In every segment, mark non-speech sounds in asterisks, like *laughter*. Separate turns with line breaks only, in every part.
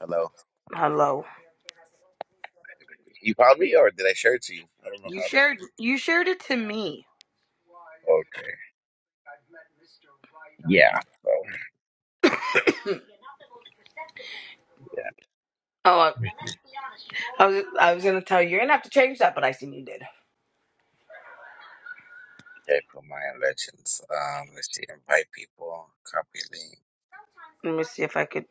Hello.
Hello.
You found me, or did I share it to you? I don't know
You
how they
shared
do.
you shared it to me.
Okay. Yeah. So yeah.
Oh, I
Okay.
I was, I was gonna tell you. You're gonna have to change that, but I seen you did.
Put my legends. Um. Let's see. Invite people. Copy link.
Let me see if I could.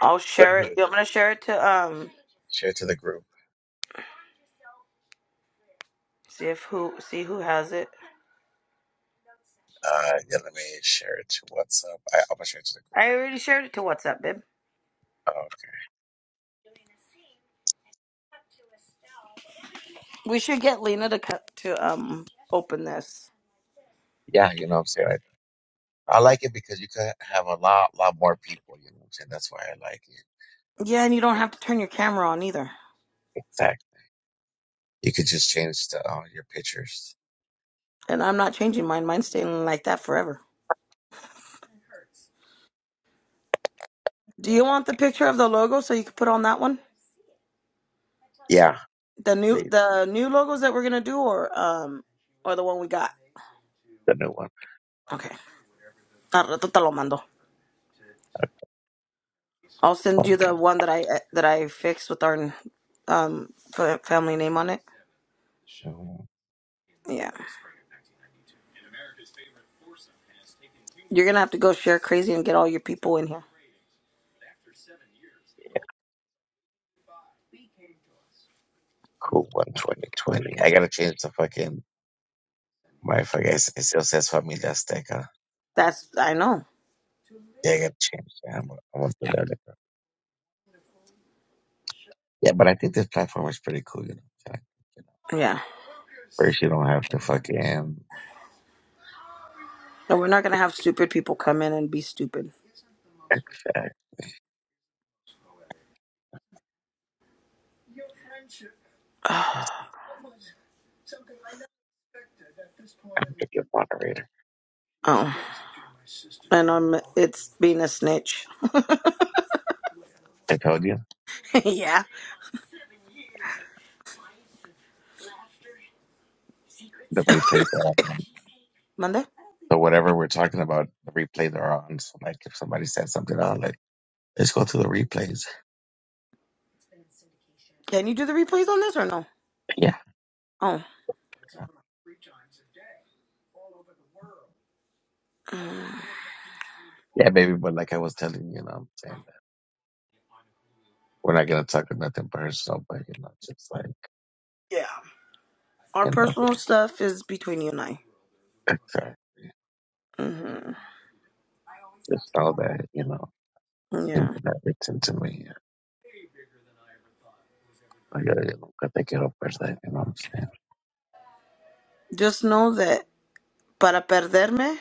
I'll
Let
share it.
me
I'm gonna share it to um.
Share it to the group.
See if who see who has it.
Uh. Yeah. Let me share it to WhatsApp. I, I'm gonna share it to the group.
I
Right
already shared it to WhatsApp, babe.
now. Oh, Okay.
We should get Lena to cut to um open this.
Yeah. You know what I'm saying. I, I like it because you could have a lot, lot more people. You know what I'm saying. That's why I like it.
Yeah, and you don't have to turn your camera on either.
Exactly. You could just change the uh, your pictures.
And I'm not changing mine. Mine's staying like that forever. Do you want the picture of the logo so you can put on that one?
Yeah.
The new
The
the new logos that we're gonna do, or um, or the one we got.
the new one.
Okay. Al rato te lo mando. I'll send you the one that I that I fixed with our um fa- family name on it.
Mhm.
Yeah, you're gonna have to go share crazy and get all your people in here.
Cool one 2020. I gotta change the fucking my fucking. It still says Familia Azteca.
That's I know.
Yeah, I gotta change. Yeah, I'm, gonna- I'm gonna do that later. Yeah, but I think this platform is pretty cool. You know, I-
Yeah,
first you don't have to fucking
and we're not gonna have stupid people come in and be stupid.
extract. I'm a good moderator.
Oh, and I'm it's being a snitch.
I told you
*laughs* yeah,
the replay that I'm on.
Monday.
So whatever we're talking about, the replay they're on. So like, if somebody said something i on, like, let's go to the replays.
Can you do the replays on this or no?
*laughs* Yeah,
Oh,
yeah, yeah, baby. But like I was telling you, you know, what I'm saying that we're not gonna talk about nothing personal, but you know, just like
yeah. Our
you know.
personal stuff is between you and I.
Exacto.
hmm
Just all that, you know, him
Yeah.
that gets into me. I gotta look at the kid that, you know what I'm saying?
Just know that para perderme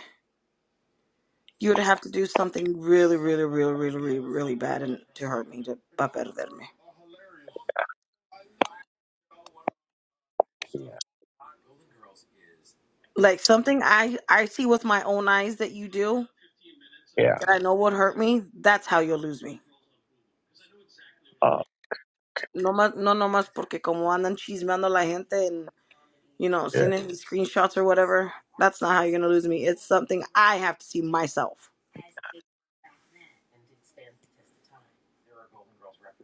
You would have to do something really, really, really, really, really, really bad and to hurt me to butt me. Like something I I see with my own eyes that you do
Yeah. Yeah.
that I know would hurt me. That's how you'll lose me.
Uh,
No más, no, no más porque como andan chismeando la gente and you know
yeah.
sending me screenshots or whatever. That's not how you're gonna lose me. It's something I have to see myself.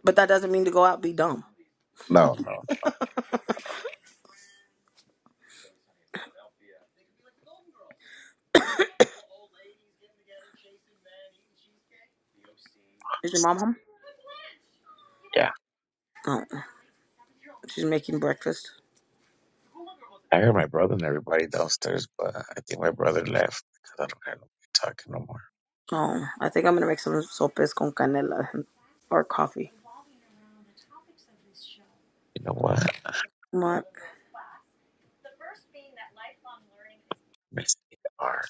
But that doesn't mean to go out and be dumb.
No, no.
Is your mom home?
Yeah.
Oh, she's making breakfast.
I heard my brother and everybody downstairs, but I think my brother left because I don't have nobody talking no more.
Oh, I think I'm gonna make some sopes con canela or coffee.
You know what?
What?
Miss our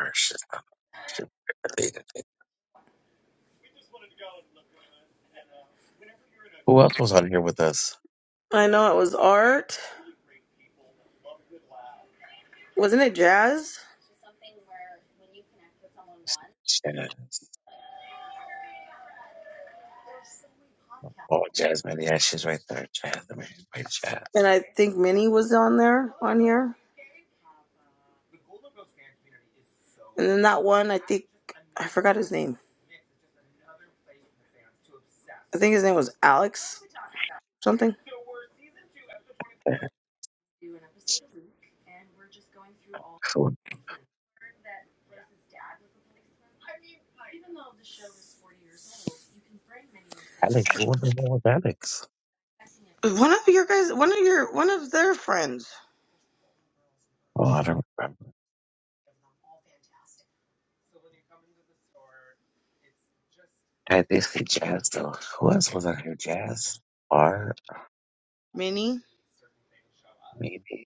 our shit. our shit deleted it. Who else was on here with us?
I know it was art. Wasn't it jazz?
Jazz. Oh, Jasmine. Yeah, she's right there. Jasmine. Wait,
And
Jazz.
I think Minnie was on there, on here. And then that one, I think, I forgot his name. I think his name was Alex something.
Who? Alex. Who the hell was Alex?
One of your guys, one of your, one of their friends,
Oh, I don't remember. I did say jazz though. Who else was on here? Jazz? R?
Minnie.
Maybe?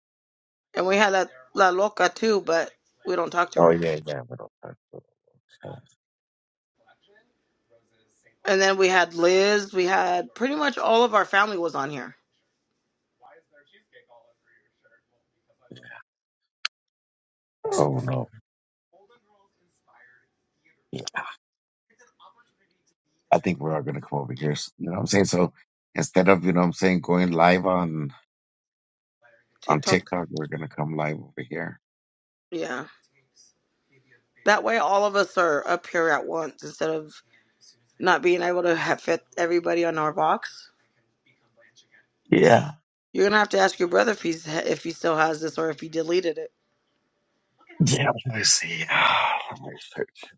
And we had that La Loca too, but we don't talk to
Oh
her.
yeah, yeah, middle part. Uh,
And then we had Liz. We had pretty much all of our family was on here.
I don't know. Yeah, I think we are all going to come over here. s- You know what I'm saying? So instead of, you know what I'm saying, going live on on
TikTok.
TikTok, we're going to come live over here.
Yeah. That way all of us are up here at once instead of not being able to have fit everybody on our box.
Yeah.
You're gonna have to ask your brother if he's if he still has this or if he deleted it.
Yeah, let me see. *sighs* Let me search.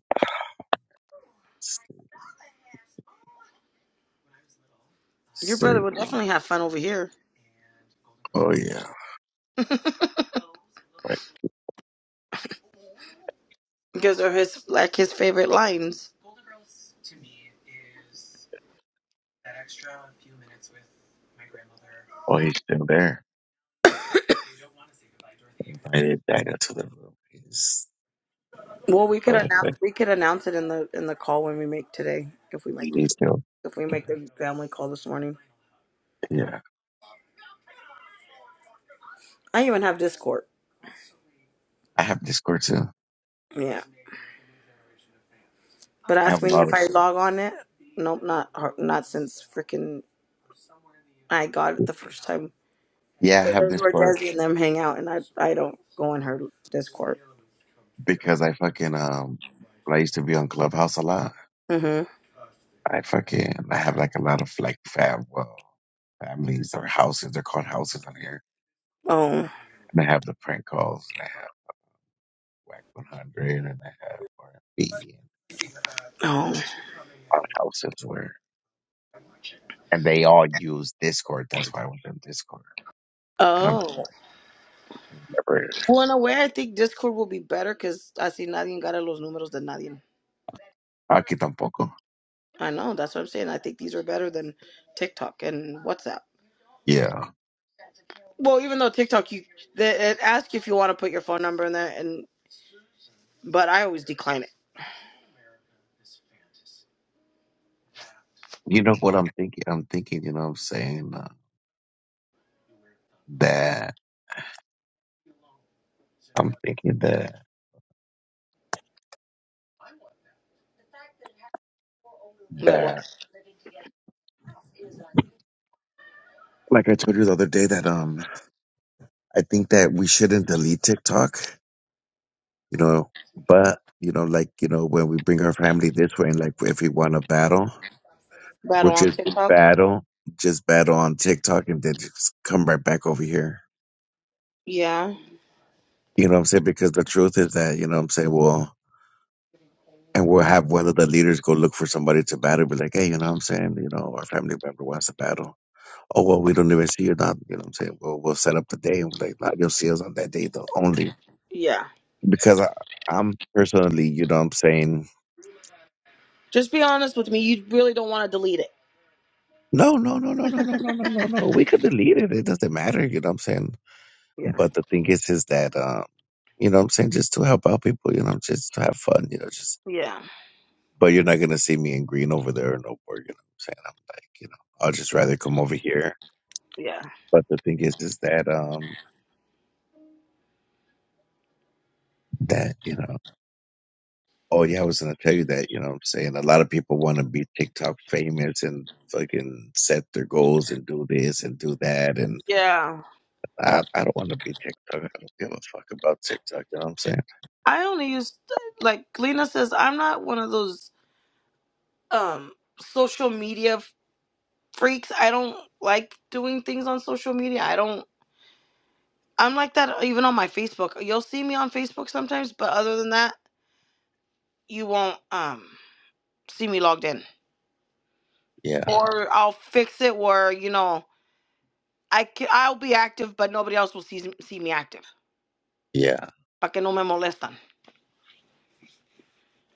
Your brother
Search.
would definitely have fun over here
Oh, yeah. Right.
because they're his like his favorite lines.
Oh, he's still there. I did back into the room. He's,
Well, we could
uh, *laughs*
announce we could announce it in the in the call when we make today if we make
he's still,
if we make the family call this morning.
yeah.
I even have Discord.
I have Discord too.
Yeah, but
I
ask
have a
me
lot of
if I log on it. Nope, not har- not since freaking I got it the first time
Yeah, I
because
have
there's where
Discord
Desi and them hang out, and I I don't go in her Discord.
because I fucking um when I used to be on Clubhouse a lot.
Mhm.
I fucking I have like a lot of like fam well families or houses. They're called houses on here.
Oh.
And I have the prank calls and I have Whack one hundred and I have RFB and B and
Oh.
all the houses where and they all use Discord. That's why I was in Discord. And I'm
Oh.
never
Well, in a way, I think Discord will be better because así nadie gana los números de nadie.
aquí tampoco.
I know, that's what I'm saying. I think these are better than TikTok and WhatsApp.
Yeah.
Well, even though TikTok, you they, it asks you if you want to put your phone number in there, and but I always decline it.
You know what I'm thinking? I'm thinking, you know what I'm saying? Uh, that I'm thinking that
That what
that like I told you the other day that um I think that we shouldn't delete TikTok, you know, but you know, like you know, when we bring our family this way, and like if we want to battle, we'll
battle on
just
TikTok?
battle, just battle on TikTok, and then just come right back over here.
Yeah,
You know what I'm saying? Because the truth is that you know what I'm saying. Well, and we'll have one of the leaders go look for somebody to battle. Be like, hey, you know what I'm saying? You know, our family member wants to battle. Oh well, we don't even see you now. You know what I'm saying? Well, we'll set up the day and be like, nah, you'll see us on that day though only
yeah.
because I, I'm personally, you know what I'm saying
Just be honest with me. You really don't want to delete it.
No, no, no, no, no, no, no, no, no, no. We could delete it. It doesn't matter. You know what I'm saying?
Yeah,
But the thing is, is that, um, you know what I'm saying? Just to help out people, you know, just to have fun, you know, just,
yeah,
but you're not going to see me in green over there or no more, you know what I'm saying? I'm like, you know, I'll just rather come over here.
yeah,
But the thing is, is that, um, that, you know, oh yeah, I was going to tell you that, you know what I'm saying? A lot of people want to be TikTok famous and fucking set their goals and do this and do that. And
yeah.
I, I don't want to be TikTok. I don't give a fuck about TikTok. You know what I'm saying?
I only use like Lena says. I'm not one of those um social media. freaks. I don't like doing things on social media. I don't. I'm like that even on my Facebook. You'll see me on Facebook sometimes, but other than that, you won't um see me logged in.
Yeah,
Or I'll fix it where you know I can, I'll be active, but nobody else will see see me active.
yeah.
Pa que no me molestan.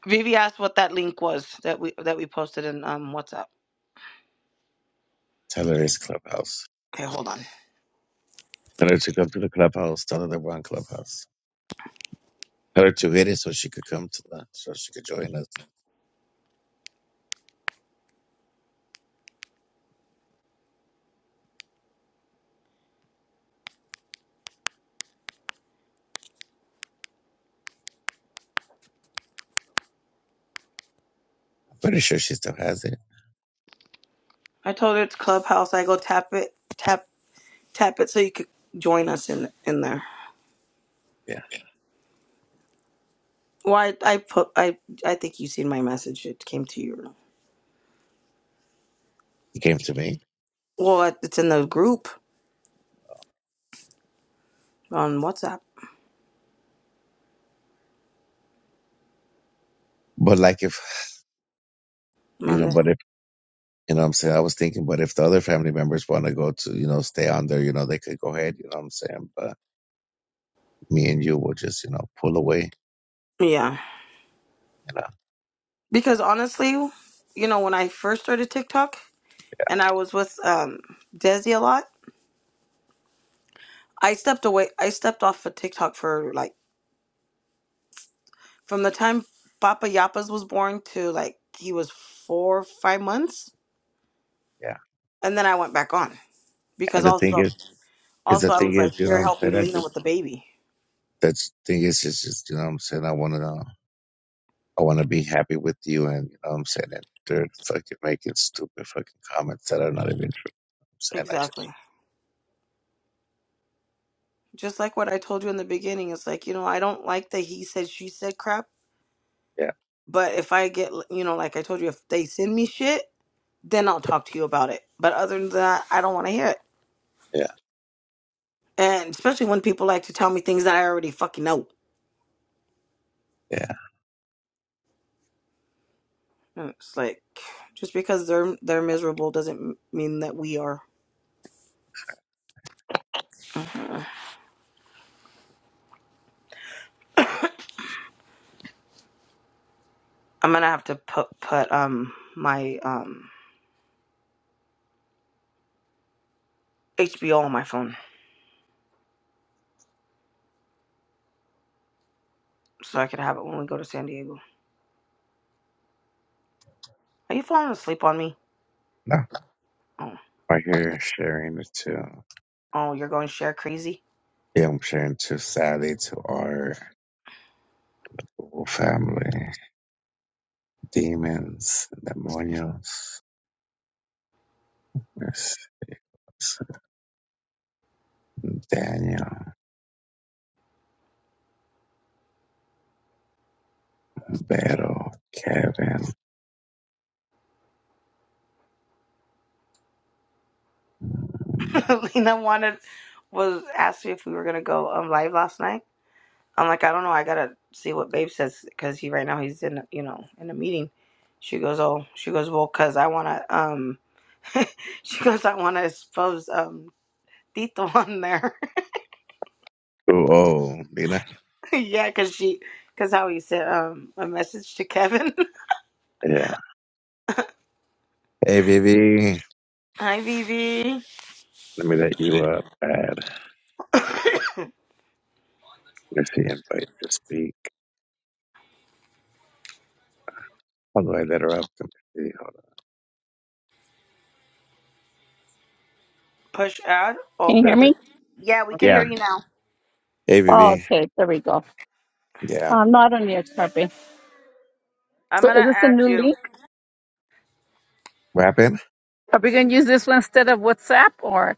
Vivi asked what that link was that we that we posted in um WhatsApp.
Tell her it's Clubhouse.
Okay, hold on.
Tell her to come to the Clubhouse. Tell her that we're on Clubhouse. Tell her to get it so she could come to the, so she could join us. I'm pretty sure she still has it.
I told her it's Clubhouse. I go tap it, tap tap it, so you could join us in in there.
Yeah,
Well, I, I put I I think you seen my message. It came to you.
it came to me.
Well, it- it's in the group on WhatsApp.
But like if,
I'm
you
on
know,
there.
but if, you know what I'm saying? I was thinking, but if the other family members want to go to, you know, stay on there, you know, they could go ahead, you know what I'm saying? But me and you will just, you know, pull away,
Yeah,
you know.
because honestly, you know, when I first started TikTok and I was with um Desi a lot, I stepped away. I stepped off of TikTok for like from the time Papa Yapas was born to like he was four or five months,
Yeah.
and then I went back on because
And the thing
also
is, Because the
also I
thing
was
is,
like,
you know
you're
what I'm saying?
helping
I
Lena
just,
with the baby.
that's the thing is, it's just, you know what I'm saying? I want to, I want to be happy with you. And, you know what I'm saying? And they're fucking making stupid fucking comments that are not even true. I'm saying, I
Exactly.
just,
just like what I told you in the beginning, it's like, you know, I don't like the he said, she said crap.
yeah,
But if I get, you know, like I told you, if they send me shit, then I'll talk to you about it. But other than that, I don't want to hear it.
yeah,
And especially when people like to tell me things that I already fucking know.
yeah, yeah.
And it's like, just because they're they're miserable doesn't mean that we are. I'm gonna have to put put um my um HBO on my phone so I can have it when we go to San Diego. Are you falling asleep on me?
No,
Oh,
right here, sharing it to,
oh, you're going share crazy.
yeah, I'm sharing to Sally, to our whole family, demons, demonios, Miss Daniel, Beto, Kevin.
*laughs* Lena wanted was asked me if we were gonna go um live last night. I'm like, I don't know. I gotta see what Babe says because he right now he's in you know in a meeting. She goes, oh, she goes, well, cause I wanna um, *laughs* she goes, I wanna expose um Tito on there.
Oh, oh, Nina.
*laughs* yeah, cause she, cause how he said um a message to Kevin. *laughs*
Yeah. Hey, Vivi.
Hi, Vivi.
Let me let you up. Add.
*coughs*
Let she invite to speak. How do I let her up? Let me see. Hold on.
Push ad. Oh,
Can you hear
Let
and-
her-
me?
yeah, we can hear
Yeah.
you now.
Oh,
ABV.
okay, there we go.
Yeah.
Uh, not on yet, Harvey.
I'm
So is
gonna
this a
add
new
you.
link?
Rapping?
Are we going to use this one instead of WhatsApp or?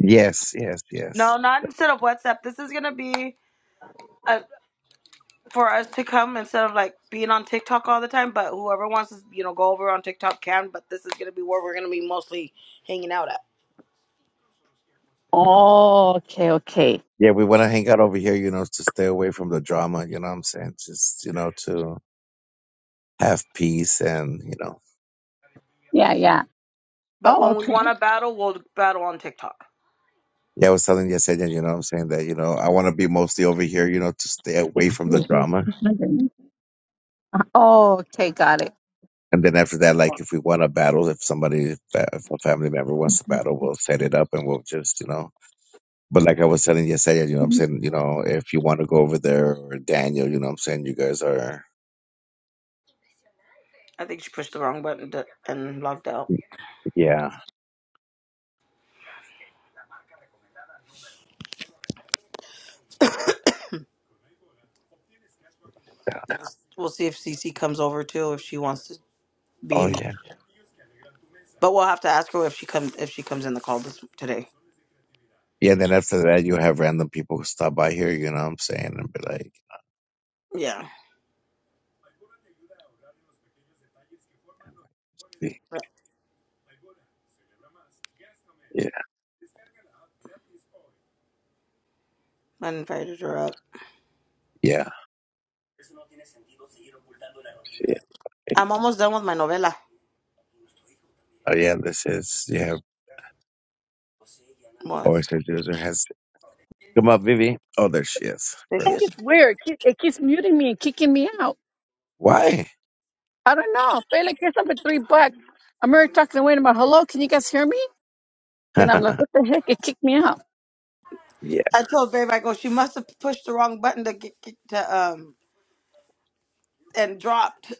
Yes, yes,
No,
yes.
not instead of WhatsApp. This is gonna be. a. for us to come instead of like being on TikTok all the time. But whoever wants to, you know, go over on TikTok can. But this is gonna be where we're gonna be mostly hanging out at.
Oh, okay, okay.
Yeah, we want to hang out over here, you know, to stay away from the drama, you know what I'm saying? Just, you know, to have peace and, you know.
Yeah, yeah.
But
Oh,
when we
okay.
want to battle, we'll battle on TikTok.
Yeah, I was telling Yesenia, you know what I'm saying, that, you know, I want to be mostly over here, you know, to stay away from the drama.
*laughs* Oh, okay, got it.
And then after that,
I
like if we want to battle, if somebody, if a family member wants to battle, we'll set it up and we'll just, you know, But like I was telling yesterday, you know what I'm
think
saying? You know, if you want to go over there or Daniel, you know what I'm saying? You guys are,
I think she pushed the wrong button to, and logged out.
yeah.
We'll see if CC comes over too if she wants to be
Oh,
in.
yeah.
But we'll have to ask her if she comes if she comes in the call this today.
Yeah. then after that, you have random people who stop by here, you know what I'm saying? And be like,
Yeah,
"Hey, yeah,
I invited her up.
yeah. yeah. hey,
I'm almost done with my novella.
Oh, yeah. This is, yeah.
What?
Always says user has, come up, Vivi. Oh, there she is.
There she
Perfect.
is.
it's weird. It keep- it keeps muting me and kicking me out.
Why?
I don't know. But like, here's up at three bucks. I'm already talking away and I'm like, hello, can you guys hear me?
*laughs*
Then I'm like,
yeah.
what the heck? It kicked me out.
Yeah.
I told Babe, I go. She must have pushed the wrong button to get, get to um and dropped.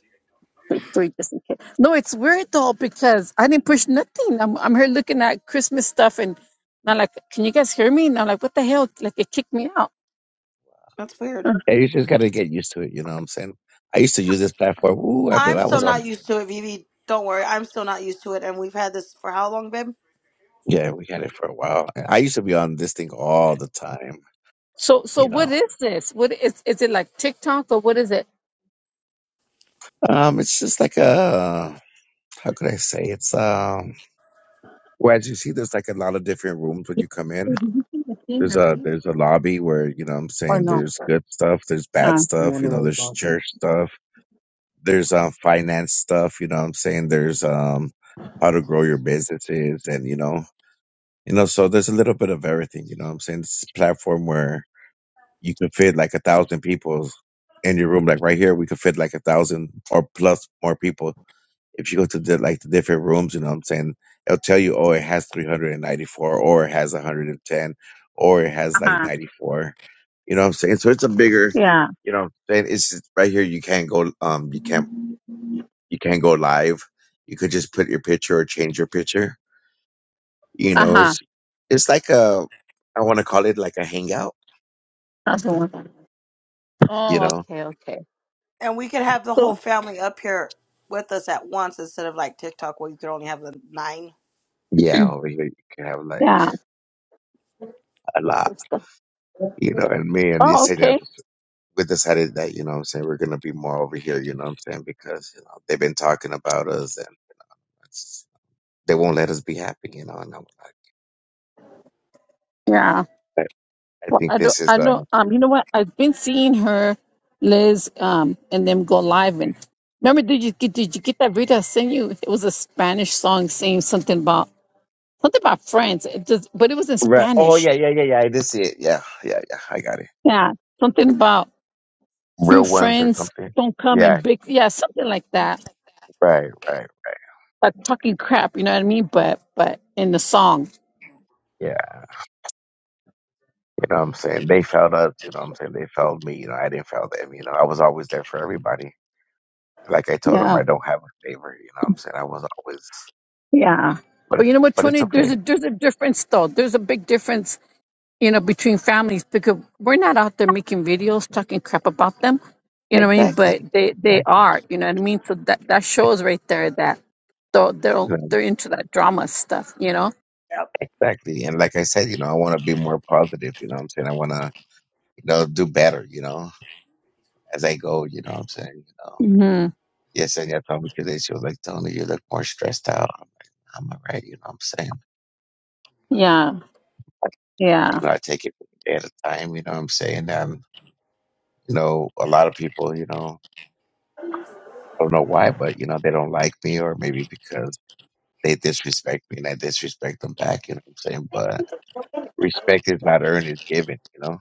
three just in case. No, it's weird though because I didn't push nothing. I'm I'm here looking at Christmas stuff and I'm like, can you guys hear me? And I'm like, what the hell? Like it kicked me out.
That's weird.
Mm.
You just got to get used to it, you know what I'm saying? I used to use this platform. Ooh, I,
I'm
I
still
was
not
on,
used to it, Vivi. Don't worry, I'm still not used to it. And we've had this for how long, babe?
yeah, we had it for a while. I used to be on this thing all the time,
So so
you know?
what is this? What is is it like TikTok or what is it?
Um, it's just like a how could I say it's um. Well, as you see, there's like a lot of different rooms when you come in.
So did you see the thing I
There's a
raised?
there's a lobby where you know what I'm
Or
saying
no?
there's good stuff, there's bad
Uh
stuff, you know, there's church stuff, there's um finance stuff, you know what I'm saying there's um how to grow your businesses and you know you know so there's a little bit of everything, you know what I'm saying. This is a platform where you can fit like a thousand people in your room, like right here, we could fit like a thousand or plus more people if you go to the like the different rooms, you know what I'm saying, it'll tell you, oh, it has 394, or it has 110, or it has like
huh.
94. You know what I'm saying? So it's a bigger,
Yeah.
you know, what I'm saying it's just- right here. You can't go, um, you can't, you can't go live. You could just put your picture or change your picture. You
Uh
know,
huh.
it's, it's like a, I want to call it like a hangout.
That's the one.
You
Oh
know,
okay okay.
And we could have the whole
So
family up here with us at once instead of like TikTok where you could only have the nine.
yeah, over here you can have like
yeah.
a lot.
that's the-
You know, and me and you
Oh
say
okay.
that. we decided that, you know what I'm saying, we're going to be more over here, you know what I'm saying, because, you know, they've been talking about us and it's- they won't let us be happy, you know. And I'm like,
Yeah.
I, I
Well,
think
I don't,
this is,
I
uh,
don't, um, you know what? I've been seeing her, Liz, um, and them go live. And remember, did you get, did you get that video I sent you? It was a Spanish song saying something about, something about friends. It just, but it was in
right. Oh,
Spanish.
yeah, yeah, yeah, yeah. I did see it. Yeah, yeah, yeah. I got it.
Yeah. Something about two
Real ones or
friends
something.
don't come in
Yeah,
big. Yeah. Something like that.
right, right, right.
Like talking crap. You know what I mean? But, but in the song.
Yeah. You know what I'm saying? They failed us, you know what I'm saying? They failed me, you know, I didn't fail them, you know. I was always there for everybody. Like I told them, I
Yeah.
don't have a favor, you know what I'm saying? I was always,
Yeah.
but,
But you know what,
but it's
Tony? There's a,
okay.
there's a difference though. There's a big difference you know, between families because we're not out there making videos talking crap about them. You know what I mean?
Exactly.
But they they
Exactly.
are, you know what I mean? So that that shows right there that so they're they're into that drama stuff, you know?
Yep.
Exactly. And like I said, you know, I want to be more positive, you know what I'm saying? I want to, you know, do better, you know, as I go, you know what I'm saying? You know,
Mhm.
yes, and I told me today, she was like, Tony, you look more stressed out. I'm like, "Nah, I'm all right, you know what I'm saying?
Yeah.
You
Yeah.
know, I take it a day at a time, you know what I'm saying? And, you know, a lot of people, you know, I don't know why, but, you know, they don't like me or maybe because they disrespect me and I disrespect them back, you know what I'm saying? But respect is not earned, it's given, you know?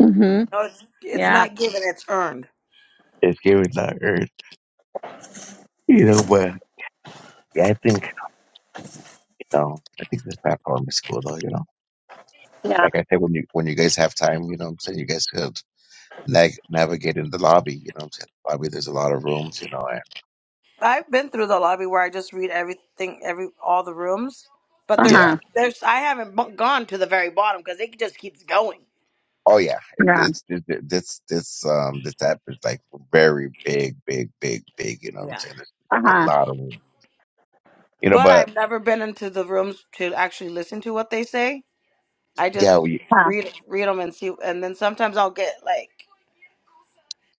Mhm.
No, it's, it's
Yeah.
not given; it's earned.
It's given, not earned, you know, but. Yeah, I think So I think this platform is cool though, you know.
Yeah.
Like I said, when you when you guys have time, you know what I'm saying, you guys could nag navigate in the lobby, you know what I'm saying? Lobby there's a lot of rooms, you know, and
I've been through the lobby where I just read everything, every all the rooms, but there's
yeah.
Uh-huh.
there's I haven't bu- gone to the very bottom because it just keeps going.
Oh yeah. It,
Yeah.
it's it, it- this this um this app is like very big, big, big, big, you know what I'm
Yeah.
saying? There's like a
Uh-huh.
lot of room. You know,
But
but
I've never been into the rooms to actually listen to what they say. I just
yeah,
Uh, huh.
read read them and see, and then sometimes I'll get like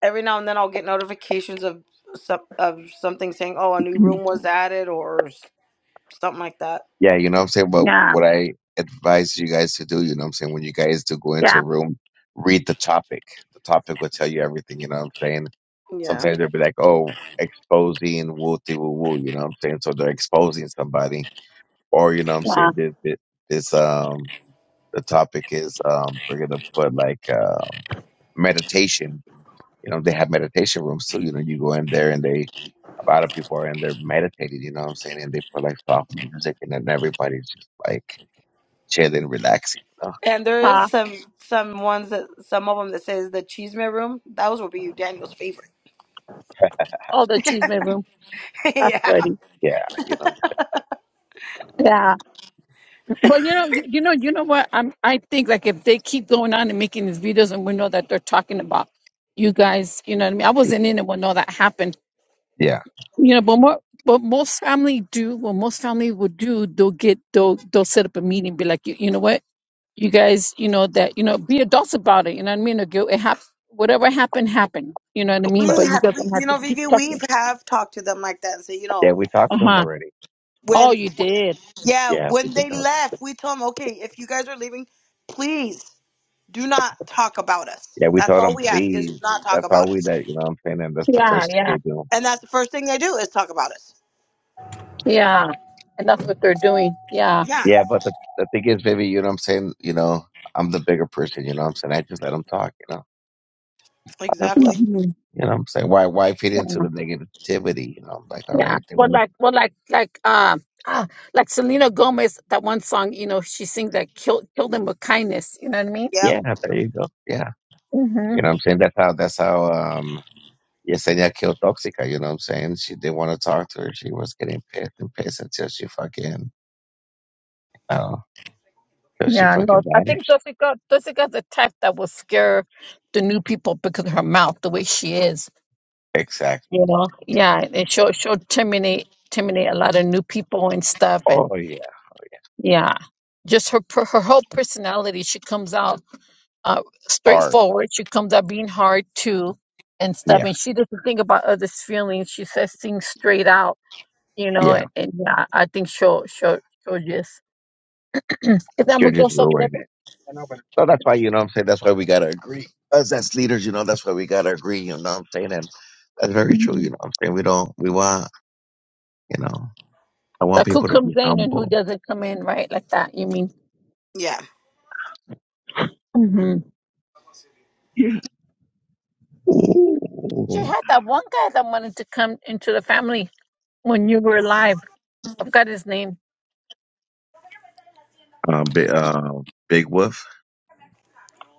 every now and then I'll get notifications of some of something saying, "Oh, a new
*clears throat* Uh-huh.
room was added" or s- something like that.
Yeah, you know what I'm saying? But
Yeah.
what I advise you guys to do, you know what I'm saying, when you guys do go into
Yeah.
a room, read the topic. The topic will tell you everything, you know what I'm saying?
Yeah,
Sometimes they'll be like, oh, exposing wooty woo woo, you know what I'm saying? So they're exposing somebody. Or, you know what I'm
Yeah.
saying, this, this, this um, the topic is, um, we're going to put like, um, meditation. You know, they have meditation rooms too. You know, you go in there and they, a lot of people are in there meditating, you know what I'm saying? And they put like soft music and then everybody's just like, chilling, relaxing. You know?
and there is
Uh,
some some ones that some of them that says the Cheeseman room. Those will be Daniel's favorite.
oh, the cheese room.
*laughs*
That's
yeah,
funny.
Yeah, you know.
Yeah. But you know, you you know, you know what? I'm. I think like if they keep going on and making these videos, and we know that they're talking about you guys, you know what I mean. I wasn't in it when all that happened,
Yeah,
you know. But more, but most family do. What most family would do, they'll get, they'll, they'll set up a meeting, be like, you, you know what, you guys, you know that, you know, be adults about it. You know what I mean? Or go, it hap- whatever happened, happened. You know what I
we
mean?
but
But you guys
have,
don't
you
have to
know,
keep
Vicky, we
talking.
have talked to them like that and say, you know,
yeah, we
Uh
talked to him
huh.
already.
Oh,
when
you did.
yeah,
Yeah, we
when
did.
they
already.
left, we told them, okay, if you guys are leaving, please. do not talk about us.
Yeah, we
That's
told
all
him
we ask is do
please.
not talk
That's
about
all we
us.
did. You know what I'm saying? And that's the
Yeah,
first thing
yeah,
they do.
And that's the first thing they do is talk about us.
yeah. And that's what they're doing. Yeah.
Yeah,
Yeah, but the the thing is, baby, you know what I'm saying? You know, I'm the bigger person. You know what I'm saying? I just let him talk. You know, I let 'em talk.
exactly.
Mhm.
You know what I'm saying? Why why feed into the negativity? You know, I'm like, all
Yeah.
right, they
Well,
want to.
like, well, like, like, um, ah, like Selena Gomez, that one song, you know, she sings that kill, kill them with kindness. You know what I mean?
Yep.
Yeah, there you go. Yeah,
hmm
you know what I'm saying? That's how. That's how. Um, Yesenia killed Toxica, you know what I'm saying? She didn't want to talk to her. She was getting pissed and pissed until she fucking, uh, until she
Yeah. No,
fucking
I think
vanished.
Jessica, Jessica's the type that will scare the new people because of her mouth, the way she is.
Exactly.
You know? Yeah. And she'll, she'll terminate, terminate a lot of new people and stuff. And
Oh, yeah.
yeah, just her, per- her whole personality, she comes out. uh,
Art.
straightforward. She comes out being hard too and stuff.
yeah,
And she doesn't think about others' feelings. She says things straight out, you know.
yeah.
And, and yeah, I think she'll she'll she'll just. Is that going
You're
gonna go
just
so
ruining
whatever.
it. So that's why, you know what I'm saying? That's why we got to agree. Us as leaders, you know, that's why we got to agree, you know what I'm saying? And that's very true,
Mhm.
you know what I'm saying? We don't, we want, you know, I want
Like who
people to
comes
be
in and who
humble.
doesn't come in, right? Like that. You mean?
Yeah.
hmm
Yeah.
She
Ooh.
had that one guy that wanted to come into the family when you were alive. I forgot his name.
Um, big, uh, big Wolf.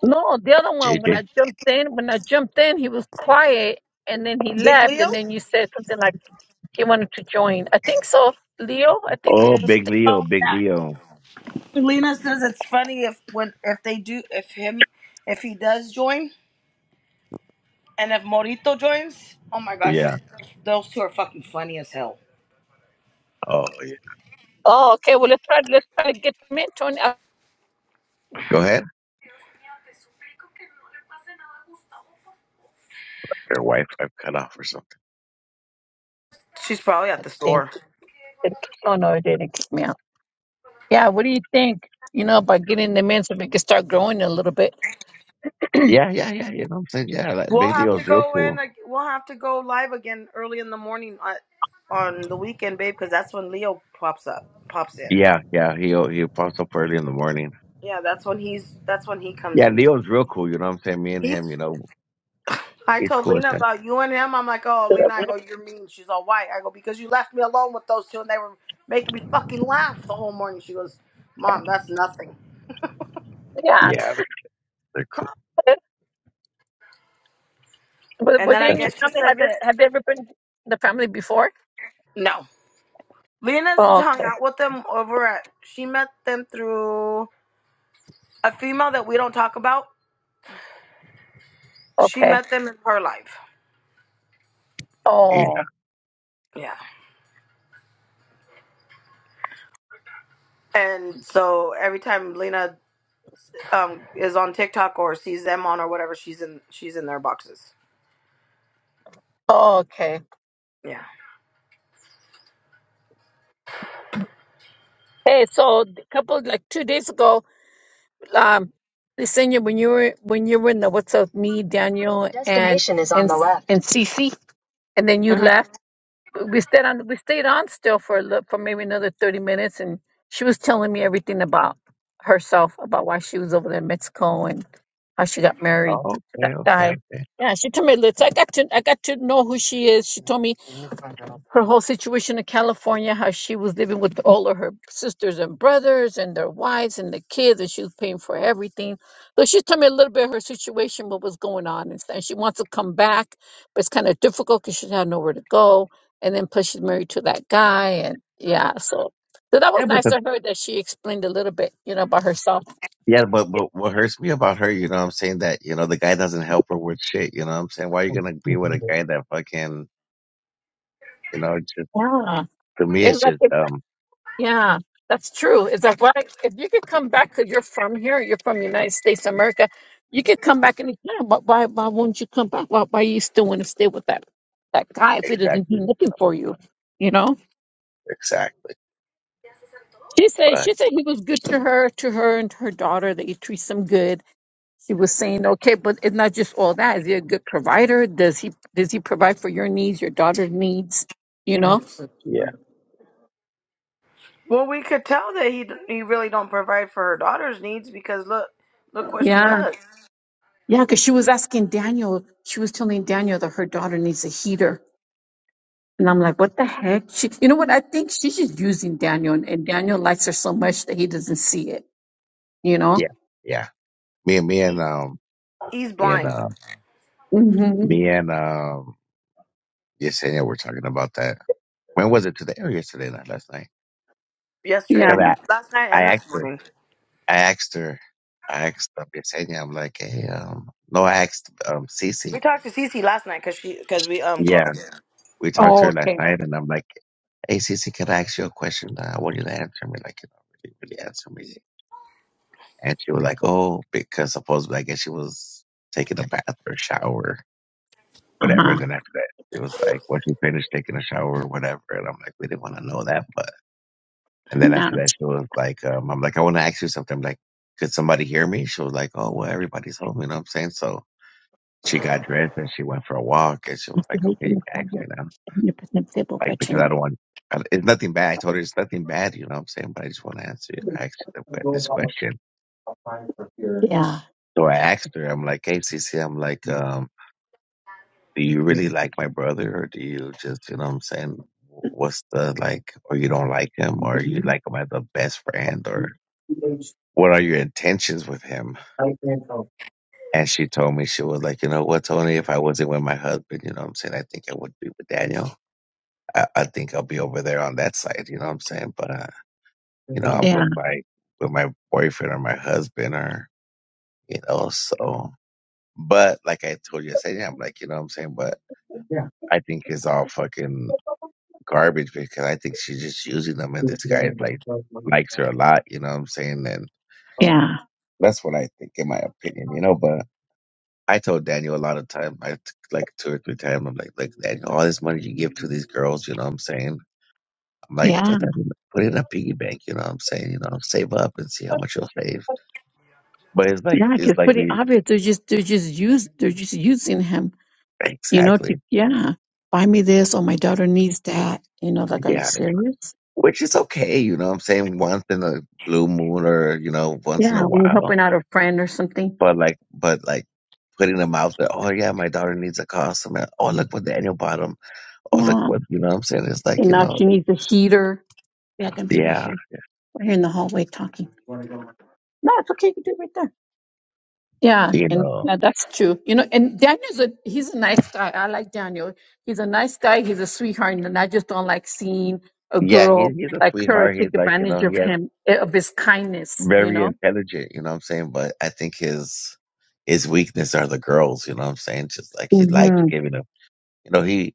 No, the other one. When
JJ.
I jumped in, when I jumped in, he was quiet, and then he
Big
left,
Leo.
and then you said something like He wanted to join. I think so, Leo. I think
Oh,
Leo.
Big
said-
Um,
Leo, Big Leo.
Lena says it's funny if when if they do if him if he does join and if Morito joins. Oh my gosh,
Yeah.
she's, those two are fucking funny as hell.
Oh, yeah.
Oh, okay. Well, let's try. Let's try to get him in. Tony, I
Go ahead. Your wife, I've cut off or something.
She's probably at the
think.
store.
Said, Oh no, it didn't kick me out. Yeah. What do you think? You know, by getting them in so we can start growing a little bit.
Yeah, yeah, yeah. You know what I'm saying? Yeah, that
We'll
big
have to
Leo's real
go in.
cool.
ag- We'll have to go live again early in the morning on, on the weekend, babe, because that's when Leo pops up, pops in.
Yeah, yeah. He he pops up early in the morning.
Yeah, that's when he's that's when he comes
Yeah,
in.
Leo's real cool. You know what I'm saying? Me and
He's
him, you know,
I
it's
told
cool. It's,
Lena
uh,
about you and him. I'm like, oh Lena, I go, you're mean. She's all white. I go, because you left me alone with those two and they were making me fucking laugh the whole morning. She goes, Mom, that's nothing.
Yeah.
yeah, they're, they're cool.
But
And then I
within your
guess she
family,
said
have you
that
have you ever been in the family before?
no. Lena's
Oh,
hung
okay.
out with them over at she met them through a female that we don't talk about. She
Okay.
met them in her life.
Yeah.
Oh,
Yeah. And so every time Lena um, is on TikTok or sees them on or whatever, she's in she's in their boxes.
okay.
Yeah.
Hey, so a couple like two days ago, um, Lisenia, when you were when you were in the What's Up Me, Daniel, and destination is on and the left, and Cece. and then you
uh
left. We stayed on. We stayed on still for a little, for maybe another thirty minutes, and she was telling me everything about herself, about why she was over there in Mexico and how she got married to
Oh,
that
okay, okay,
guy.
okay.
Yeah, she told me. Liz, I got to. I got to know who she is. She told me her whole situation in California, how she was living with all of her sisters and brothers and their wives and the kids, and she was paying for everything. So she's telling me a little bit of her situation, what was going on, and, and she wants to come back, but it's kind of difficult because she had nowhere to go. And then plus she's married to that guy, and yeah, so so that was
Yeah, but
nice
the
to hear that she explained a little bit, you know, about herself.
yeah, but but what hurts me about her, you know, what I'm saying that you know the guy doesn't help her with shit. You know, what I'm saying why are you gonna be with a guy that fucking you know? It's just
Yeah,
to me,
it's
it's
like
just um
Yeah, that's true. It's like, why, if you could come back, because you're from here, you're from United States of America, you could come back anytime. But why, why won't you come back? Why, why you still want to stay with that that guy if he doesn't do
exactly
nothing for you? You know,
exactly.
she said
But
she said he was good to her, to her and her daughter. That he treats them good. She was saying, okay, but it's not just all that. Is he a good provider? Does he does he provide for your needs, your daughter's needs? You know?
yeah,
Well, we could tell that he he really don't provide for her daughter's needs because look, look what she
Yeah.
does.
Yeah, because she was asking Daniel, she was telling Daniel that her daughter needs a heater. And I'm like, what the heck? She, you know what? I think she's just using Daniel, and, and Daniel likes her so much that he doesn't see it, you know?
yeah, yeah. Me and me and um
He's
me and
blind.
uh
hmm
me and um Yesenia were talking about that. When was it today or yesterday? Not last night. night.
Yeah.
Yesterday,
'Cause
last night,
I, I
and
asked
this
her.
morning,
I asked her. I asked um, Yesenia. I'm like, hey, um, no, I asked um Cece.
we talked to Cece last night because she because we um called.
Yeah,
Her.
we talked to her
Oh,
last
okay.
night, and I'm like, hey, Cece, can I ask you a question? Uh, I want you to answer me, like, you know, really, really answer me. And she was like, oh, because supposedly, I guess she was taking a bath or shower
Uh
whatever.
huh.
And then after that, it was like, once you finish taking a shower or whatever. And I'm like, we didn't want to know that. But, and then
Yeah.
after that, she was like, um, I'm like, I want to ask you something. I'm like, could somebody hear me? She was like, oh, well, everybody's home. You know what I'm saying? So she got dressed and she went for a walk and she was like, okay, you can ask me now.
100% stable,
Like,
but
because I don't want, I- it's nothing bad. I told her it's nothing bad. You know what I'm saying? But I just want to answer, ask you the que- this question.
Yeah.
So I asked her, I'm like, hey, Cece, I'm like, um, do you really like my brother or do you just you know what i'm saying what's the like or you don't like him or you like him as a best friend or what are your intentions with him and she told me she was like you know what tony if i wasn't with my husband you know what i'm saying i think i would be with daniel i, I think i'll be over there on that side you know what i'm saying but uh you know i'm
Yeah.
with my with my boyfriend or my husband or you know so but like i told you i said yeah i'm like you know what i'm saying but I think it's all fucking. garbage because I think she's just using them and this guy like likes her a lot, you know what I'm saying? And
Yeah.
that's what I think in my opinion, you know, but I told Daniel a lot of time, I t- like two or three times, I'm like, like Daniel, all this money you give to these girls, you know what I'm saying? I'm like,
Yeah.
put that in put it in a piggy bank, you know what I'm saying? You know, save up and see how much you'll save. But it's like
Yeah.
it's
it's
like
pretty
we
obvious. They're just, they're just used, they're just using him. you know, to,
exactly.
yeah, buy me this or my daughter needs that. You know, like, are you
Yeah.
serious?
Which is okay, you know what I'm saying? Once in a blue moon or, you know, once in
Yeah,
a
when you're
while
helping out a friend or something.
But like, but like putting them out there. Oh yeah, my daughter needs a costume. And, oh look what Daniel bought him. Oh look
Yeah,
what you know. what I'm saying it's like
and
you
now
know,
she needs a heater. Yeah, I can be right
yeah,
here, right here in the hallway talking. No, it's okay. You can do it right there. Yeah,
you
and
know,
yeah, that's true. You know, and Daniel's a he's a nice guy. I like Daniel. He's a nice guy. He's a sweetheart, and I just don't like seeing a
yeah. He,
girl
he's a
like her
sweetheart.
take
He's like you
advantage
know, he
of
has
him eh, of his kindness. You
very
know.
intelligent. You know what I'm saying. But I think his his weakness are the girls. You know what I'm saying. Just like he likes
hmm
giving them. You know he.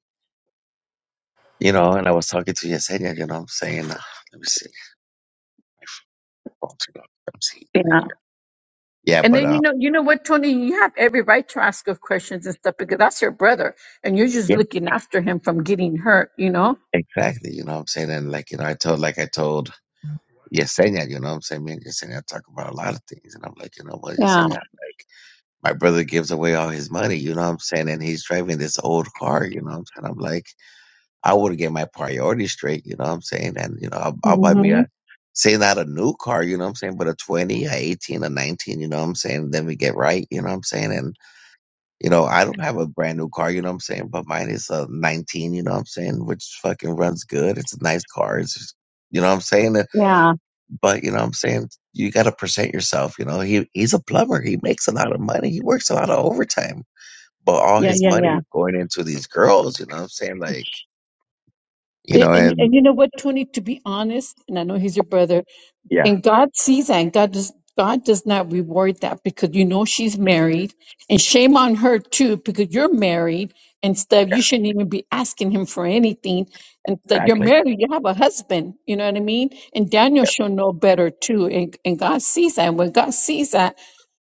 You know, and I was talking to Yesenia. You know what I'm saying. Uh, let me see. Oh, let me see. Right
Yeah.
here. Yeah,
And
but
then you
um,
know, you know what, Tony, you have every right to ask of questions and stuff because that's your brother, and you're just
yeah,
looking after him from getting hurt. You know.
exactly. You know what I'm saying. And like you know, I told like I told. Yesenia, you know what I'm saying? Me and Yesenia talk about a lot of things. And I'm like, you know what,
Yeah.
Yesenia, like, my brother gives away all his money, you know what I'm saying? And he's driving this old car, you know what I'm saying? I'm like, I would get my priorities straight, you know what I'm saying? And, you know, I'll, I'll buy me
hmm
a, say not a new car, you know what I'm saying? But a 20, a 18, a 19, you know what I'm saying? Then we get right, you know what I'm saying? And, you know, I don't have a brand new car, you know what I'm saying? But mine is a 19, you know what I'm saying? Which fucking runs good. It's a nice car. It's, you know what I'm saying?
Yeah.
but you know what I'm saying you got to present yourself. You know, he he's a plumber. He makes a lot of money. He works a lot of overtime, but all
Yeah.
his
Yeah.
money
Yeah.
is going into these girls. You know what I'm saying? Like, you
And,
know,
and
and
and you know what, Tony? To be honest, and I know he's your brother,
yeah,
And God sees that, and God does, God does not reward that because you know she's married, and shame on her too because you're married and stuff. You shouldn't even be asking him for anything, and that you're
exactly.
married, you have a husband. You know what I mean? And Daniel should know better too, and and God sees that. And when God sees that,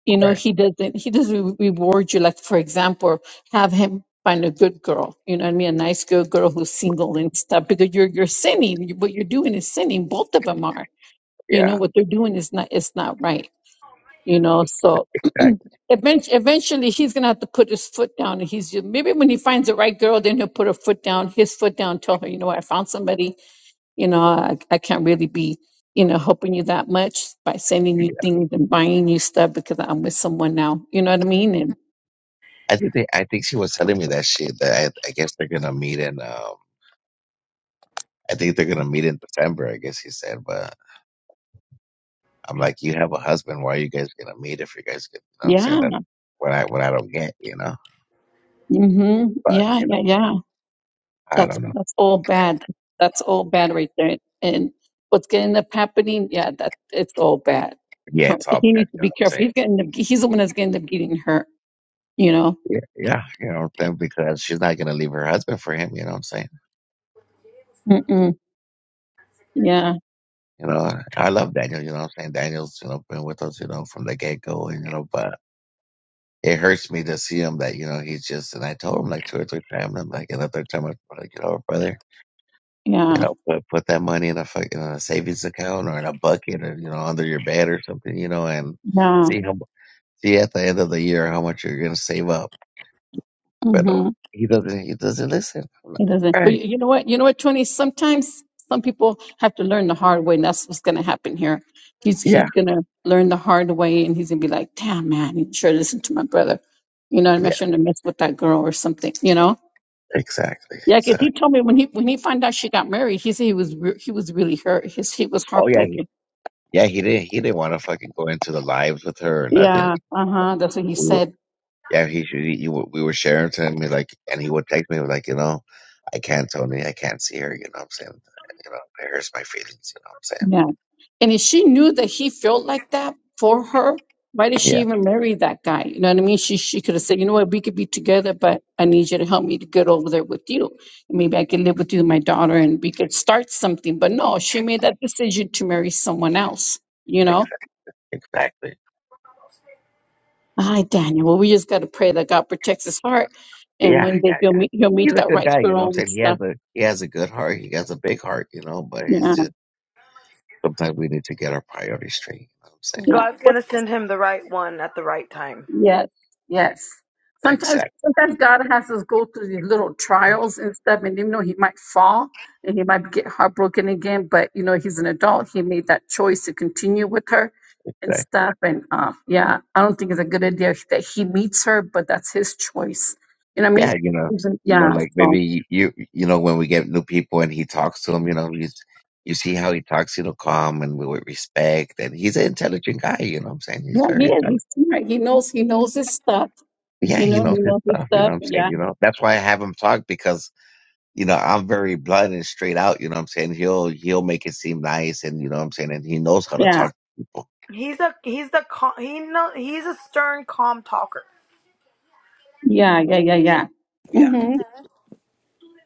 you know
Right.
he doesn't he doesn't re- reward you like for example have him find a good girl you know what i mean a nice good girl who's single and stuff because you're you're sinning You- what you're doing is sinning both of them are you
Yeah,
know what they're doing is not it's not right you know so
exactly.
*clears throat* eventually, eventually he's gonna have to put his foot down and he's maybe when he finds the right girl then he'll put her foot down his foot down tell her you know what, i found somebody you know I, I can't really be you know helping you that much by sending you things and buying you stuff because i'm with someone now you know what i mean and
I think they, I think she was telling me that shit that I, I guess they're gonna meet in um I think they're gonna meet in December. I guess he said, but I'm like, you have a husband. Why are you guys gonna meet if you guys? Get, you know what I'm saying
yeah
that what I what I don't get. You know,
hmm
but
yeah
you know,
yeah yeah
I
That's
don't know.
that's all bad. That's all bad right there. And what's gonna end up happening? Yeah, that it's all bad.
Yeah,
So
it's all
he
bad.
needs
You
to
know
be
what I'm saying?
careful. He's gonna end up, he's the one that's gonna end up getting hurt. You know.
Yeah, yeah, you know what I'm saying? Because she's not gonna leave her husband for him, you know what I'm saying?
Mm-mm. Yeah,
You know, I love Daniel, you know what I'm saying? Daniel's, you know, been with us, you know, from the get go and you know, but it hurts me to see him that, you know, he's just and I told him like two or three times, I'm like and the third time I was like, you know, brother, you
yeah,
know, put put that money in a fucking in savings account or in a bucket or, you know, under your bed or something, you know, and
yeah.
see how see at the end of the year how much you're gonna save up. But uh,
Mm-hmm.
he doesn't he doesn't listen. I'm like,
He doesn't.
All
But
right.
you you know what? You know what, Tony? Sometimes some people have to learn the hard way, and that's what's gonna happen here. He's
Yeah,
he's gonna learn the hard way, and he's gonna be like, "Damn, man, you should listen to my brother." You know, what I mean? I
yeah,
shouldn't have messed with that girl or something. You know
exactly.
Yeah, 'cause
So.
he told me when he when he found out she got married, he said he was re- he was really hurt. His he was
Oh yeah, he,
heartbroken.
yeah. He didn't. He didn't want to fucking go into the lives with her or nothing.
Yeah, uh huh. That's what he
We were,
said.
yeah, he, he, he we were sharing to him he's like, and he would text me like, you know, I can't, Tony, I can't see her. You know what I'm saying? You know, it hurts my feelings. You know what I'm
Yeah, and if she knew that he felt like that for her, why did
saying?
she
Yeah,
even marry that guy? You know what I mean? She she could have said, you know what, we could be together, but I need you to help me to get over there with you. Maybe I can live with you, and my daughter, and we could start something. But no, she made that decision to marry someone else. You know.
exa- exactly.
Hi, Daniel. Well, we just got to pray that God protects his heart, and
Yeah,
one day
yeah,
he'll
yeah.
meet he'll
He's
meet
a
the
good
right
guy. You know
girl
what
and
I'm saying? He
stuff.
has a he has a good heart. He has a big heart. You know, but he's
Yeah,
just sometimes we need to get our priorities straight. You know what I'm saying?
yeah.
God's
What's,
gonna send him the right one at the right time.
yes, yes. Sometimes,
Exactly.
sometimes God has us go through these little trials and stuff, and even though he might fall and he might get heartbroken again, but you know he's an adult. He made that choice to continue with her and stuff. And uh, yeah, I don't think it's a good idea that he meets her, but that's his choice. You know what I
Yeah,
mean?
you know, s-
Even-
you know,
Yeah.
like
So.
maybe you, you know, when we get new people and he talks to him, you know, he's, you see how he talks, you know, calm and with respect, and he's an intelligent guy. You know, what I'm saying
Yeah,
he's
he
very
is.
intelligent.
He's smart. He knows. He knows his stuff.
Yeah,
You
he
know, he
knows his
knows his
stuff. You know,
stuff.
what I'm saying,
Yeah,
you know, that's why I have him talk because you know I'm very blunt and straight out. You know, what I'm saying he'll he'll make it seem nice, and you know, what I'm saying, and he knows how to
yeah,
talk to people.
He's a he's the cal- he know he's a stern, calm talker.
yeah, yeah, yeah, yeah.
Yeah.
Mm-hmm.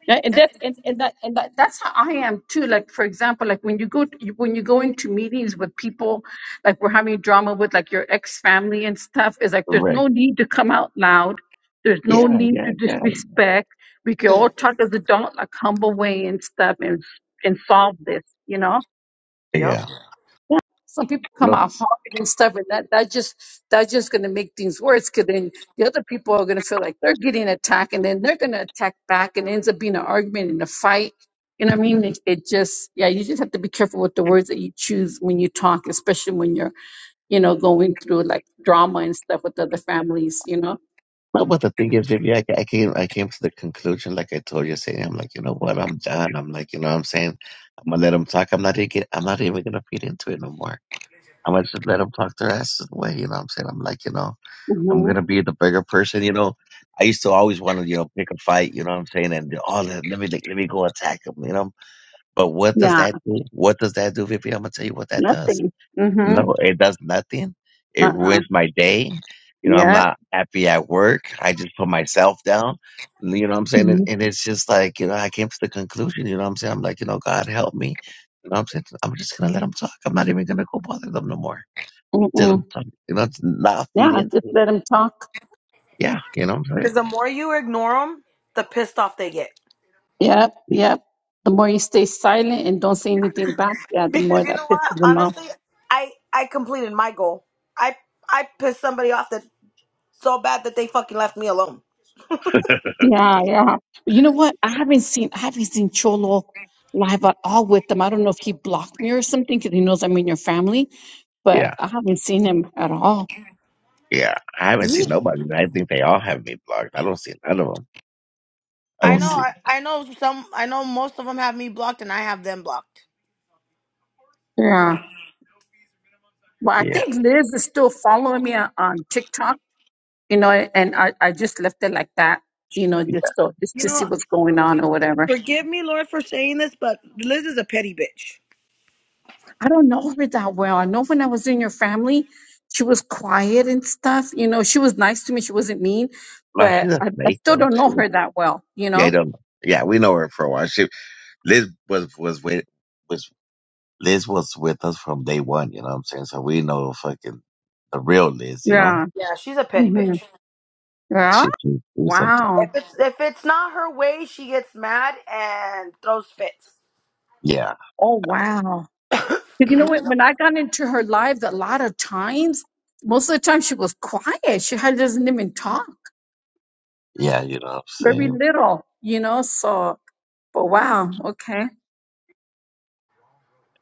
Yeah, And that and, and that and that, that's how I am too. Like for example, like when you go to, when you go into meetings with people, like we're having drama with like your ex family and stuff. Is like there's
Correct.
no need to come out loud. There's no
Yeah,
need
yeah,
to
yeah,
disrespect. We can all talk as adult, like humble way and stuff, and and solve this. You know
Yep.
yeah.
Yeah. Some people come out hard and stuff, and that that just that's just gonna make things worse. Cause then the other people are gonna feel like they're getting attacked, and then they're gonna attack back, and it ends up being an argument and a fight. You know what I mean? It, it just yeah, you just have to be careful with the words that you choose when you talk, especially when you're you know going through like drama and stuff with other families. You know?
No, but the thing is, baby, I, I came, I came to the conclusion, like I told you, saying, I'm like, you know what, I'm done. I'm like, you know, what I'm saying, I'm gonna let them talk. I'm not even, get, I'm not even gonna feed into it no more. I'm gonna just let them talk their asses away. You know, what I'm saying, I'm like, you know, I'm
hmm
gonna be the bigger person. You know, I used to always want to, you know, pick a fight. You know, what I'm saying, and do, oh, let, let me, like, let me go attack them. You know, but what does
Yeah.
that do? What does that do, Vivi? I'm gonna tell you what that does
Nothing. Mm-hmm.
no, it does nothing. It
Uh-uh.
ruins my day. You know, I'm
Yeah.
not happy at work. I just put myself down. You know what I'm saying? And
Mm-hmm.
and it's just like, you know, I came to the conclusion, you know what I'm saying? I'm like, you know, God help me. You know what I'm saying? I'm just going to let them talk. I'm not even going to go bother them no more. Let
Mm-mm.
them talk. You know, not feed
Yeah.
into
Just
it.
let them talk.
Yeah. You know what I'm
Because
saying?
the more you ignore them, the pissed off they get.
Yep, yep. The more you stay silent and don't say anything back, yeah, the
Because
more
you
that
know
pisses
what?
them off.
Honestly, I I completed my goal. I I pissed somebody off that so bad that they fucking left me alone.
Yeah, yeah. But you know what? I haven't seen I haven't seen Cholo live at all with them. I don't know if he blocked me or something because he knows I'm in your family,
Yeah.
but I haven't seen him at all.
Yeah. I haven't
He,
seen nobody. I think they all have me blocked. I don't see none of them. I
I
don't
know,
Mm.
see,
I, I know some, I know most of them have me blocked, and I have them blocked.
Yeah. Well, I
yeah.
think Liz is still following me on, on TikTok, you know, and I, I just left it like that, you know,
Yeah,
just so just
You
to see
know,
what's going on or whatever.
forgive me, Lord, for saying this, but Liz is a petty bitch.
I don't know her that well. I know when I was in your family, she was quiet and stuff. You know, she was nice to me. She wasn't mean,
Well,
but
she's a
I, I
snake,
still
though.
don't know
She's a,
her that well, you
yeah, I
know?
don't know. Yeah, we know her for a while. She Liz was was with was Liz was with us from day one. You know what I'm saying? So we know fucking the real Liz. You know?
Yeah.
Yeah, she's a petty
hmm
bitch.
Yeah,
Yeah.
she she do something.
Wow.
If it's if it's not her way, she gets mad and throws fits.
Yeah,
Oh, wow. 'Cause you know what? When I got into her life a lot of times, most of the time she was quiet. She had, doesn't even talk,
yeah. You know what I'm
very
saying?
little, you know? So, but wow. Okay.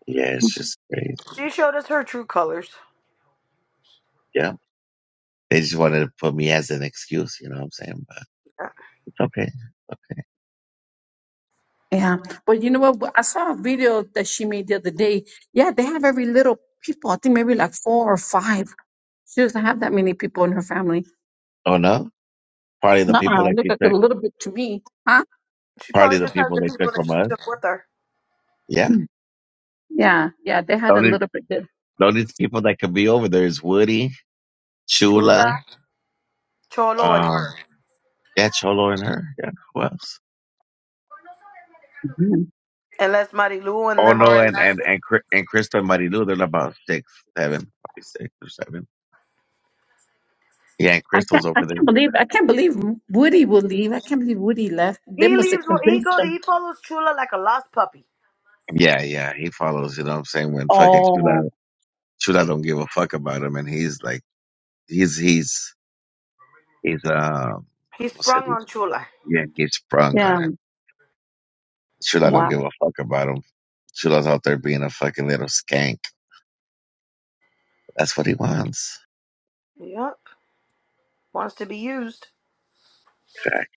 Yeah, it's just crazy.
She showed us her true colors.
Yeah. They just wanted to put me as an excuse, you know what I'm saying? But it's okay.
Yeah, but you know what? Well, I saw a video that she made the other day. Yeah, they have every little people. I think maybe like four or five. She doesn't have that many people in her family.
Oh no? partly the people
Nuh-uh,
that
look
they
like a
took
little bit to me, huh?
She
probably
probably
the
just has
people
the
they took
people that
from
she
us.
took with her.
Yeah.
Yeah, yeah, they
The
had a
only
little bit. There.
the only people that could be over there is Woody, Chula,
Chula, Cholo, and her.
um yeah, Cholo and her. Yeah. Who else?
Mhm.
Unless Marilu and them are
Ono
in
and
there.
and and Cri- and Crystal and Marilu, they're about six, seven, probably six or seven. Yeah, and
I
Crystal's
can't, I
over there.
can't believe, I can't believe Woody will leave. I can't believe Woody left. They
He
must have
leaves. He
convinced
go.
them.
He follows Chula like a lost puppy.
Yeah, yeah, he follows. You know what I'm saying? When fucking
Oh,
Chuda, Chuda don't give a fuck about him, and he's like, he's he's he's um,
He
como se
sprung
dice?
on Chula.
Yeah, he's sprung on
yeah,
him. Chuda don't
Wow.
give a fuck about him. Chuda's out there being a fucking little skank. That's what he wants.
Yep. Wants to be used.
Fact.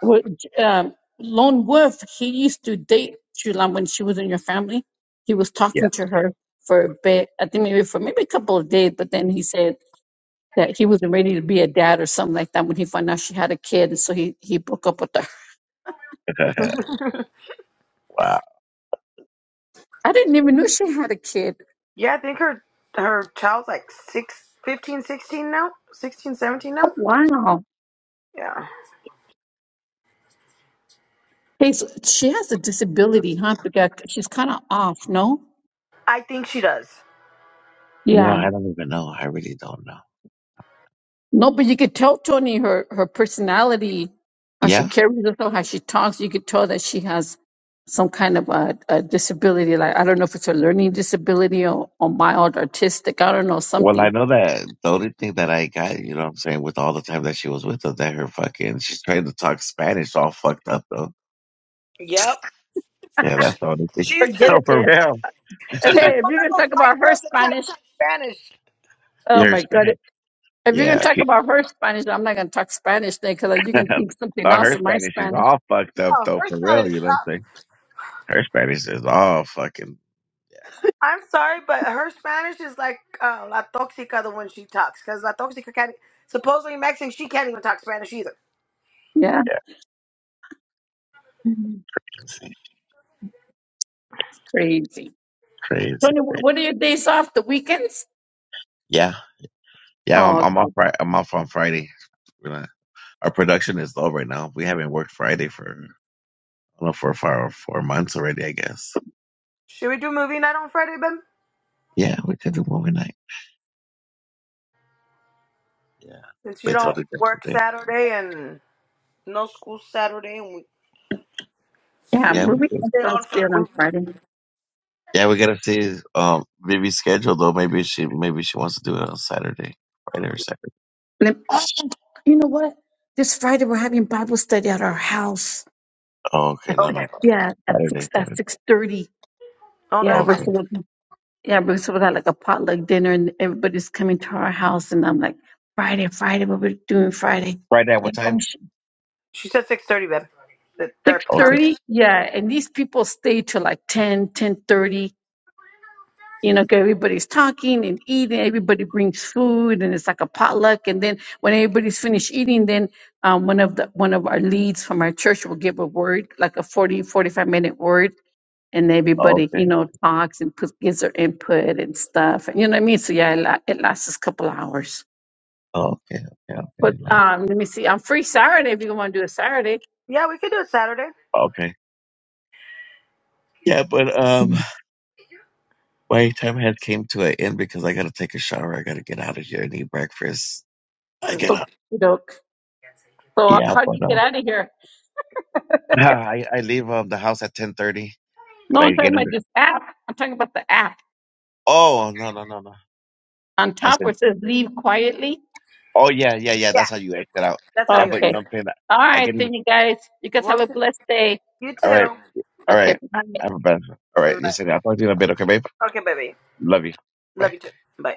Well, J- um, Lone Wolf, he used to date Julan when she was in your family. He was
Yeah.
talking to her for a bit, I think maybe for maybe a couple of days, but then he said that he wasn't ready to be a dad or something like that when he found out she had a kid, and so he, he broke up with her.
*laughs* wow.
I didn't even know she had a kid.
Yeah, I think her her child's like six, fifteen, sixteen now? 16, 17
Oh,
now?
wow.
Yeah.
Hey, so she has a disability, huh? Because she's kind of off, no?
I think she does.
You know,
Yeah.
I don't even know. I really don't know.
No, but you could tell Tony her her personality, how she
Yeah.
carries herself, how she talks. You could tell that she has some kind of a, a disability. Like I don't know if it's a learning disability or, or mild autistic. I don't know
Well, I
something.
know that the only thing that I got, you know what I'm saying, with all the time that she was with us, that her fucking, she's trying to talk Spanish all fucked up, though.
Yep.
Yeah, that's the only thing.
She's *laughs*
Forget
No,
it.
she's
for
Then.
real.
one
Okay, if you're
of
gonna
those
talk
white
about her
girls that can't
Spanish,
talk Spanish.
oh
Yeah, her
my god,
Spanish.
if you're gonna
Yeah.
talk
She,
about her Spanish, I'm not gonna talk Spanish then because
*laughs*
you
no,
can think something else
her
of my
Spanish is
Spanish.
all fucked up,
No,
though,
her
for real,
Spanish.
you know what I'm
Uh,
saying? Her Spanish is all fucking,
I'm sorry, but her Spanish is like uh, La Toxica, the one she talks. Because La Toxica can't, supposedly Mexican, she can't even talk Spanish either.
Yeah,
yeah,
it's
crazy,
crazy.
crazy.
Tony, wh-
crazy.
what are your days off? The weekends?
Yeah. Yeah, I'm,
Oh,
I'm off,
okay.
Fri- I'm off on Friday. We're not- our production is low right now. We haven't worked Friday for, I don't know, for, for, for months already, I guess.
Should we do movie night on Friday, Ben?
Yeah, we could do movie night. Yeah.
Since you
They told
don't
her
work
yesterday.
Saturday and no school Saturday. and we
yeah,
We can
Yeah,
my
we could.
weekend
stay on
sounds
for a
good on
movie.
Friday.
Yeah, we gotta see um maybe schedule though. Maybe she maybe she wants to do it on Saturday. Friday or Saturday.
And then, oh, you know what? This Friday we're having Bible study at our house
Oh, okay,
at
no no
six.
Okay.
Yeah,
no.
at
Saturday,
six at
Saturday.
six thirty.
Oh,
Yeah,
that's
we're
fine.
Okay.
supposed to, yeah we're supposed to have like a potluck dinner, and everybody's coming to our house. And I'm like, Friday, Friday, what we're doing Friday?
Friday at
Like,
what
oh,
time?
She said six thirty, babe. The third
six
Oh,
part.
six.
thirty. Yeah, and these people stay till like ten, ten thirty. you know, 'cause everybody's talking and eating. Everybody brings food, and it's like a potluck. And then when everybody's finished eating, then um, one of the one of our leads from our church will give a word, like a 40 45 minute word, and
Oh,
everybody,
okay.
you know, talks and puts, gives their input and stuff. And you know what I mean? So yeah, it, la- it lasts us a couple of hours.
Oh, okay, okay, okay.
But
Night.
um, let me see. I'm free Saturday if you want to do a Saturday.
Yeah, we could do it Saturday.
Okay. Yeah, but um my time had came to an end because I gotta take a shower, I gotta get out of here and eat breakfast. I
Mm, Yeah,
Okay,
gotta
doke. So
yeah,
how do you
but
get
um
out of here?
*laughs* *clears throat* I, I leave um the house at ten thirty,
No,
but I
I'm
get
talking
in
about
the
this app. I'm talking about the app.
oh no no no no
On
I
top
said,
where it says leave quietly,
"Oh yeah, yeah, yeah. That's how you act it out.
that's how
Yeah,
you
but you
Okay.
know
exit.
what I'm saying.
All
I
right,
can.
then you guys, you guys
Well,
have a blessed day.
you
All right,
too.
all
Okay.
right.
Bye.
I have a better. All right.
Mm, bye.
Yes, I will talk to you in a bit. Okay, babe.
Okay, baby.
Love you. Bye."
Love you too. Bye.